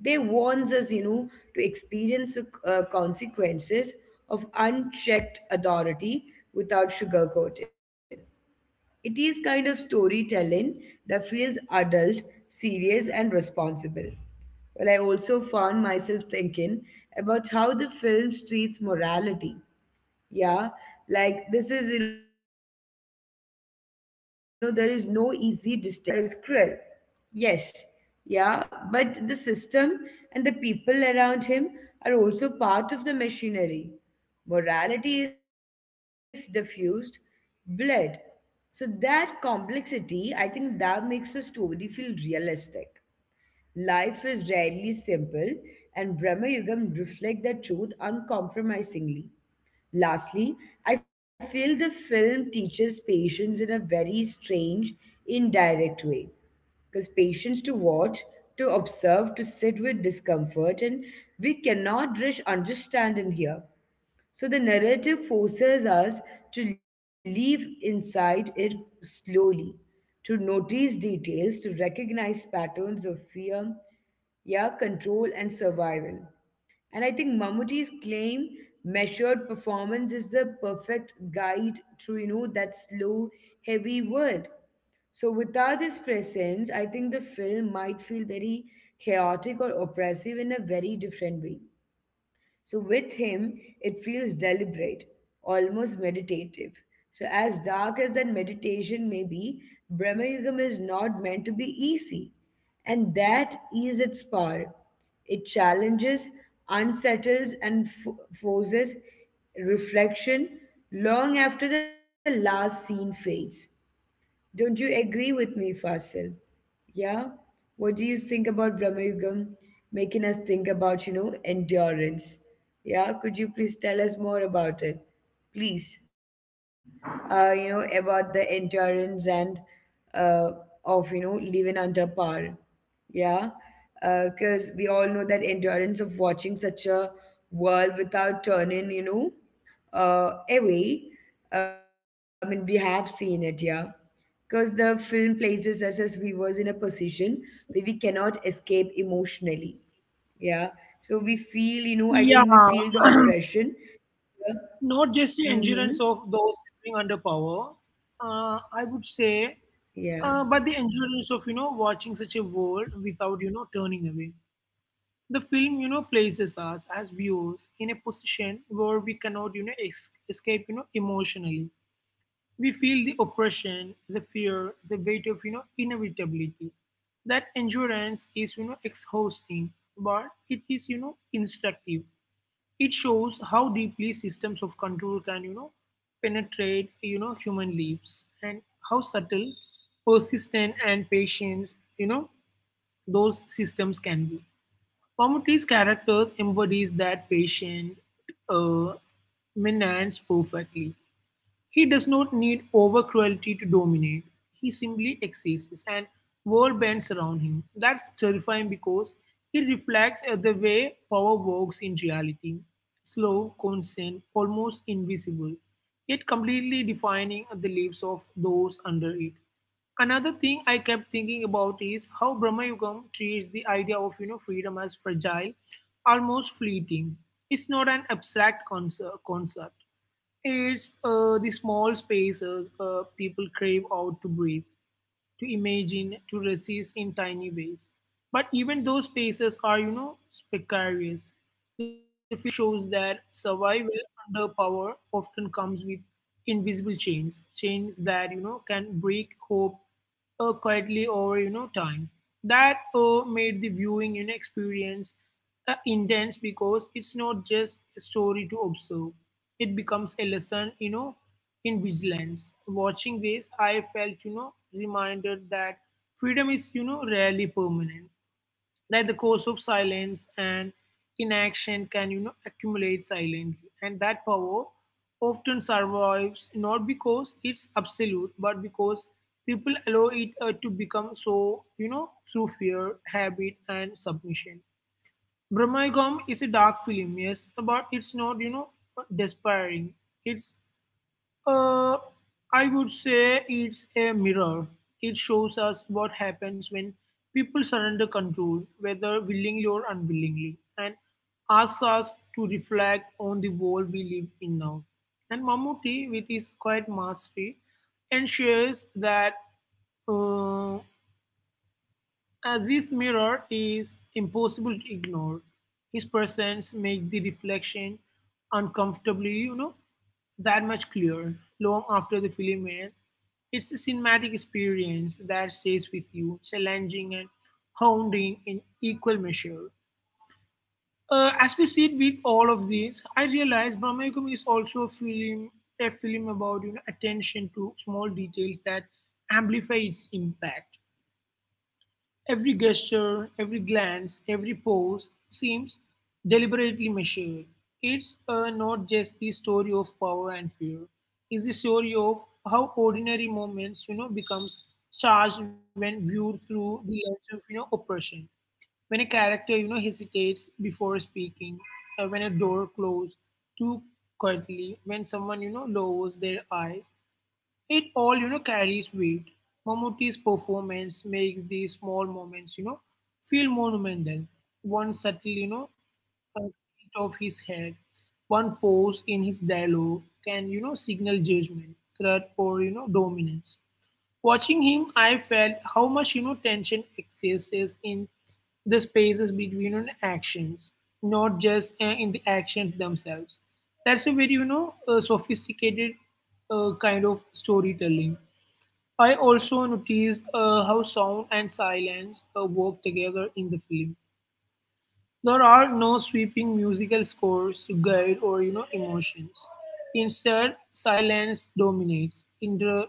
[SPEAKER 1] They warns us, to experience the consequences of unchecked authority without sugarcoating. It is kind of storytelling that feels adult, serious, and responsible. Well, I also found myself thinking about how the film treats morality. Yeah, like this is, there is no easy distinction between good and evil. Mammootty's character is cruel. Yes, yeah, but the system and the people around him are also part of the machinery. Morality is diffused, bled. So that complexity, I think that makes the story feel realistic. Life is rarely simple, and Brahma Yugam reflect that truth uncompromisingly. Lastly, I feel the film teaches patience in a very strange, indirect way, because patience to watch, to observe, to sit with discomfort, and we cannot rush understand in here. So the narrative forces us to live inside it slowly, to notice details, to recognize patterns of fear, yeah, control, and survival. And I think Mammootty's claim measured performance is the perfect guide to, that slow, heavy world. So without his presence, I think the film might feel very chaotic or oppressive in a very different way. So with him, it feels deliberate, almost meditative. So as dark as that meditation may be, Brahma Yugam is not meant to be easy. And that is its power. It challenges, unsettles, and forces reflection long after the last scene fades. Don't you agree with me, Fasil? Yeah? What do you think about Brahma Yugam making us think about, endurance? Yeah? Could you please tell us more about it? Please. About the endurance and uh, of, living under power. Yeah? Because we all know that endurance of watching such a world without turning, away. I mean, we have seen it, yeah. Because the film places us as viewers in a position where we cannot escape emotionally, yeah. So we feel, I
[SPEAKER 2] Yeah,
[SPEAKER 1] think we feel the oppression. Yeah.
[SPEAKER 2] not just the
[SPEAKER 1] Mm-hmm.
[SPEAKER 2] endurance of those living under power, I would say,
[SPEAKER 1] Yeah,
[SPEAKER 2] but the endurance of, watching such a world without, turning away. The film, places us as viewers in a position where we cannot, escape, emotionally. We feel the oppression, the fear, the weight of, inevitability. That endurance is, exhausting, but it is, instructive. It shows how deeply systems of control can, penetrate, human lives, and how subtle, persistent, and patient, those systems can be. Mammootty's character embodies that patient uh, menace perfectly. He does not need over cruelty to dominate. He simply exists and world bends around him. That's terrifying because it reflects the way power works in reality. Slow, constant, almost invisible, yet completely defining the lives of those under it. Another thing I kept thinking about is how Brahma Yugam treats the idea of, freedom as fragile, almost fleeting. It's not an abstract concept. It's the small spaces people crave out to breathe, to imagine, to resist in tiny ways. But even those spaces are, precarious. The film shows that survival under power often comes with invisible chains, chains that, can break hope quietly over, time. That made the viewing, experience intense because it's not just a story to observe. It becomes a lesson, in vigilance. Watching this, I felt, reminded that freedom is, rarely permanent. That the course of silence and inaction can, accumulate silently. And that power often survives not because it's absolute, but because people allow it to become so, through fear, habit, and submission. Brahmaigam is a dark film, yes, but it's not, despairing. It's uh, I would say it's a mirror. It shows us what happens when people surrender control, whether willingly or unwillingly, and asks us to reflect on the world we live in now. And Mammootty, with his quiet mastery, ensures that uh, as this mirror is impossible to ignore, his presence makes the reflection uncomfortably, that much clearer long after the film ends. It's a cinematic experience that stays with you, challenging and haunting in equal measure. As we sit with all of this, I realize Brahmayukam is also a film about, attention to small details that amplify its impact. Every gesture, every glance, every pose seems deliberately measured. It's not just the story of power and fear. It's the story of how ordinary moments, becomes charged when viewed through the lens of, oppression. When a character, hesitates before speaking, when a door closes too quietly, when someone, lowers their eyes, it all, carries weight. Mammootty's performance makes these small moments, feel monumental. One subtle, a tilt of his head, one pose in his dialogue can, signal judgment, threat, or, dominance. Watching him, I felt how much tension exists in the spaces between, actions, not just in the actions themselves. That's a very sophisticated kind of storytelling. I also noticed how sound and silence work together in the film. There are no sweeping musical scores to guide or, emotions. Instead, silence dominates, inter,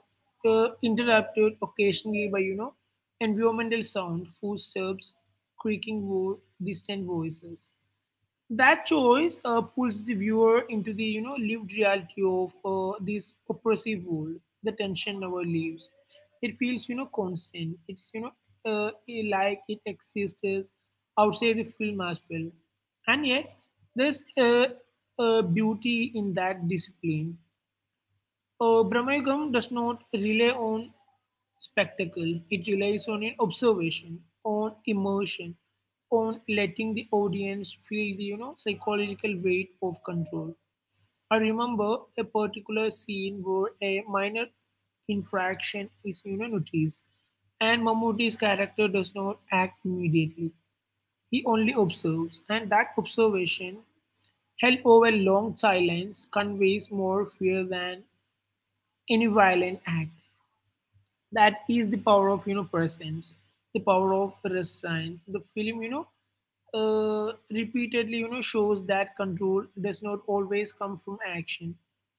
[SPEAKER 2] uh, interrupted occasionally by, environmental sound, footsteps, creaking wood, distant voices. That choice pulls the viewer into the, lived reality of this oppressive world. The tension never leaves. It feels, constant. It's like it exists outside the film as well. And yet there's a beauty in that discipline. Brahmaygam does not rely on spectacle. It relies on an observation, on immersion, on letting the audience feel the, psychological weight of control. I remember a particular scene where a minor infraction is, noticed, and Mammootty's character does not act immediately. He only observes, and that observation, held over long silence, conveys more fear than any violent act. That is the power of, presence, the power of restraint. The film repeatedly, shows that control does not always come from action.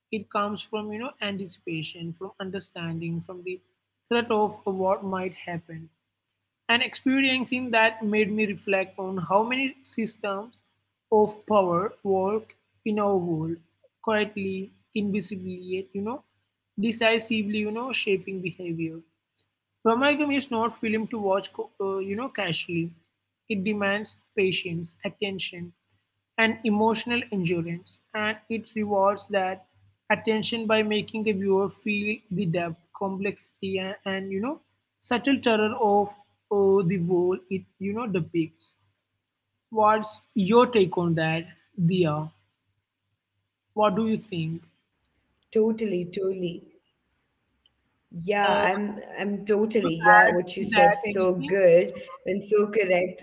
[SPEAKER 2] It comes from, anticipation, from understanding, from the threat of what might happen. And experiencing that made me reflect on how many systems of power work in our world quietly, invisibly, yet, decisively, shaping behavior. Brahmagam is not film to watch, casually. It demands patience, attention, and emotional endurance, and it rewards that attention by making the viewer feel the depth, complexity, and, subtle terror of the world it, depicts. What's your take on that, Dia? What do you think?
[SPEAKER 1] totally, totally. Yeah,
[SPEAKER 2] Uh,
[SPEAKER 1] I'm, I'm totally. Yeah, what you
[SPEAKER 2] to that
[SPEAKER 1] said, so
[SPEAKER 2] anything?
[SPEAKER 1] good and so correct.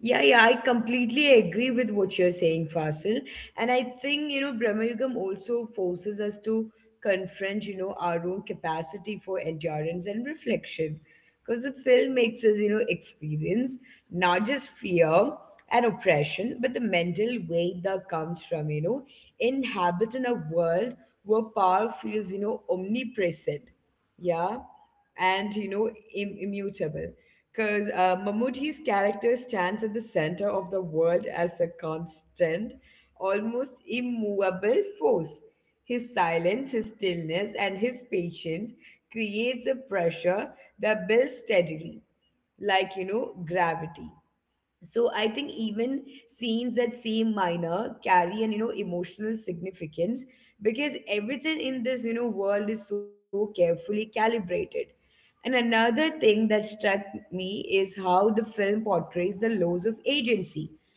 [SPEAKER 1] Yeah, yeah, I completely agree with what you're saying, Fasil. And I think, Brahma Yugam also forces us to confront, our own capacity for endurance and reflection. Because the film makes us, experience not just fear and oppression, but the mental weight that comes from, inhabiting a world where power feels, omnipresent. Yeah, and you know immutable, because Mammootty's character stands at the center of the world as a constant, almost immovable force. His silence, his stillness, and his patience creates a pressure that builds steadily, like you know gravity. So I think even scenes that seem minor carry an you know emotional significance because everything in this you know world is so carefully calibrated. And another thing that struck me is how the film portrays the laws of agency.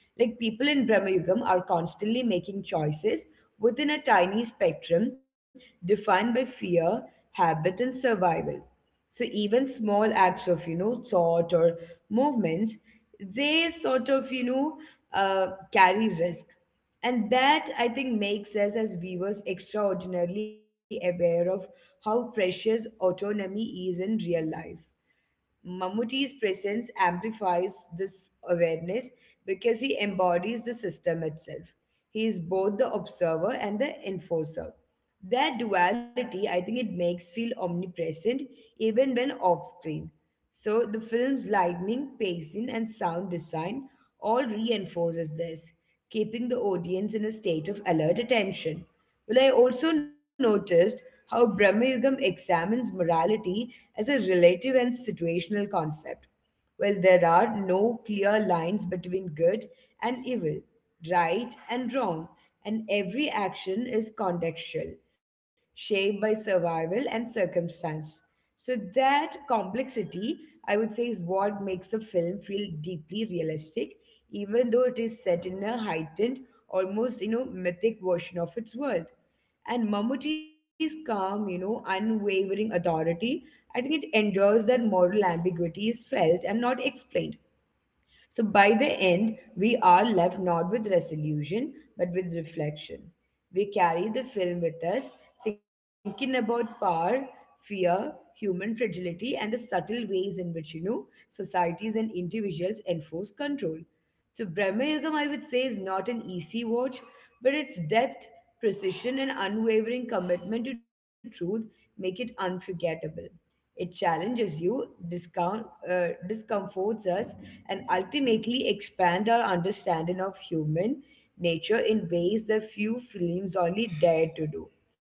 [SPEAKER 1] Like people in Brahmayugam are constantly making choices within a tiny spectrum defined by fear, habit, and survival. So even small acts of, thought or movements, they sort of, carry risk. And that I think makes us as viewers extraordinarily aware of how precious autonomy is in real life. Mammootty's presence amplifies this awareness because he embodies the system itself. He is both the observer and the enforcer. That duality, I think it makes feel omnipresent even when off screen. So the film's lightning, pacing, and sound design all reinforces this, keeping the audience in a state of alert attention. Well, I also noticed how Brahma Yugam examines morality as a relative and situational concept. Well, there are no clear lines between good and evil, right and wrong, and every action is contextual, shaped by survival and circumstance. So that complexity, I would say, is what makes the film feel deeply realistic, even though it is set in a heightened, almost you know, mythic version of its world. And Mammootty's calm, unwavering authority, I think it endures that moral ambiguity is felt and not explained. So by the end, we are left not with resolution, but with reflection. We carry the film with us, thinking about power, fear, human fragility, and the subtle ways in which, societies and individuals enforce control. So Brahma Yugam, I would say, is not an easy watch, but its depth, precision, and unwavering commitment to truth make it unforgettable. It challenges you, discomforts us, and ultimately expand our understanding of human nature in ways that few films only dare to do.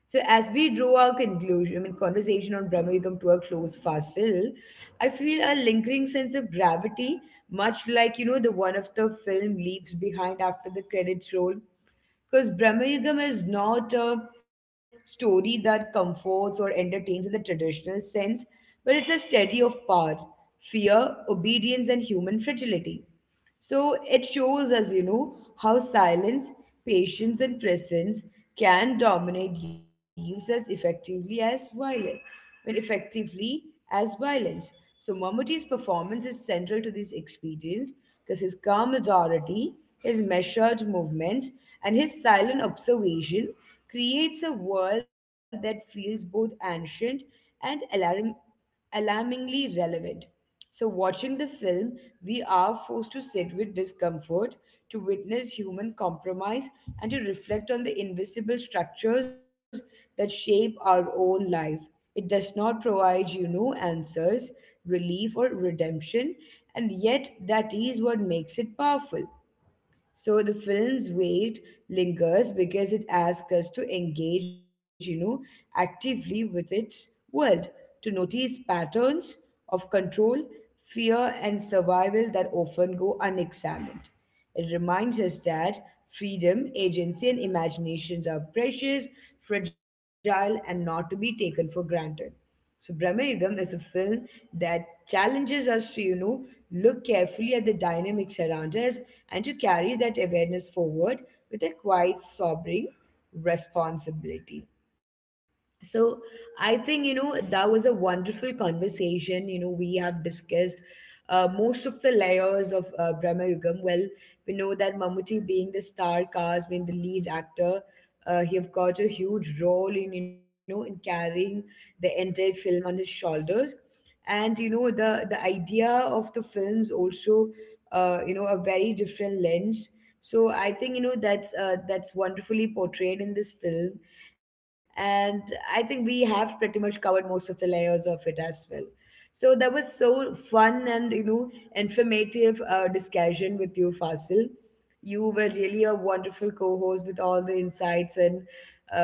[SPEAKER 1] So as we draw our conversation on Brahma we come to a close, Fasil, I feel a lingering sense of gravity, much like, the one of the film leaves behind after the credits roll. Because Brahmayugam is not a story that comforts or entertains in the traditional sense, but it's a study of power, fear, obedience, and human fragility. So it shows us, how silence, patience, and presence can dominate leaves as effectively as violence. When effectively as violence. So Mammootty's performance is central to this experience because his calm authority, his measured movements, and his silent observation creates a world that feels both ancient and alarmingly relevant. So, watching the film, we are forced to sit with discomfort, to witness human compromise, and to reflect on the invisible structures that shape our own life. It does not provide you no answers, relief, or redemption, and yet that is what makes it powerful. So the film's weight lingers because it asks us to engage, actively with its world, to notice patterns of control, fear, and survival that often go unexamined. It reminds us that freedom, agency, and imaginations are precious, fragile, and not to be taken for granted. So Brahmayugam is a film that challenges us to, look carefully at the dynamics around us and to carry that awareness forward with a quite sobering responsibility. So I think, that was a wonderful conversation. You know, we have discussed most of the layers of Brahma Yugam. Well, we know that Mammootty being the star cast, being the lead actor, he have got a huge role in, in carrying the entire film on his shoulders, and you know the idea of the films also a very different lens. So I think you know that's wonderfully portrayed in this film, and I think we have pretty much covered most of the layers of it as well. So that was so fun and informative discussion with you, Fasil. You were really a wonderful co-host with all the insights and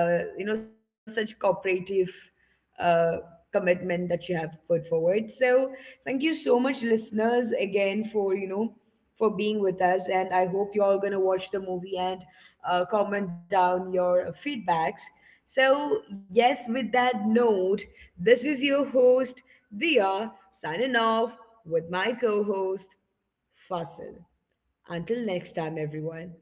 [SPEAKER 1] such cooperative uh, commitment that you have put forward. So thank you so much, listeners, again for for being with us, and I hope you're all going to watch the movie and comment down your feedbacks. So yes, with that note, this is your host Dia signing off with my co-host Fasil. Until next time, everyone.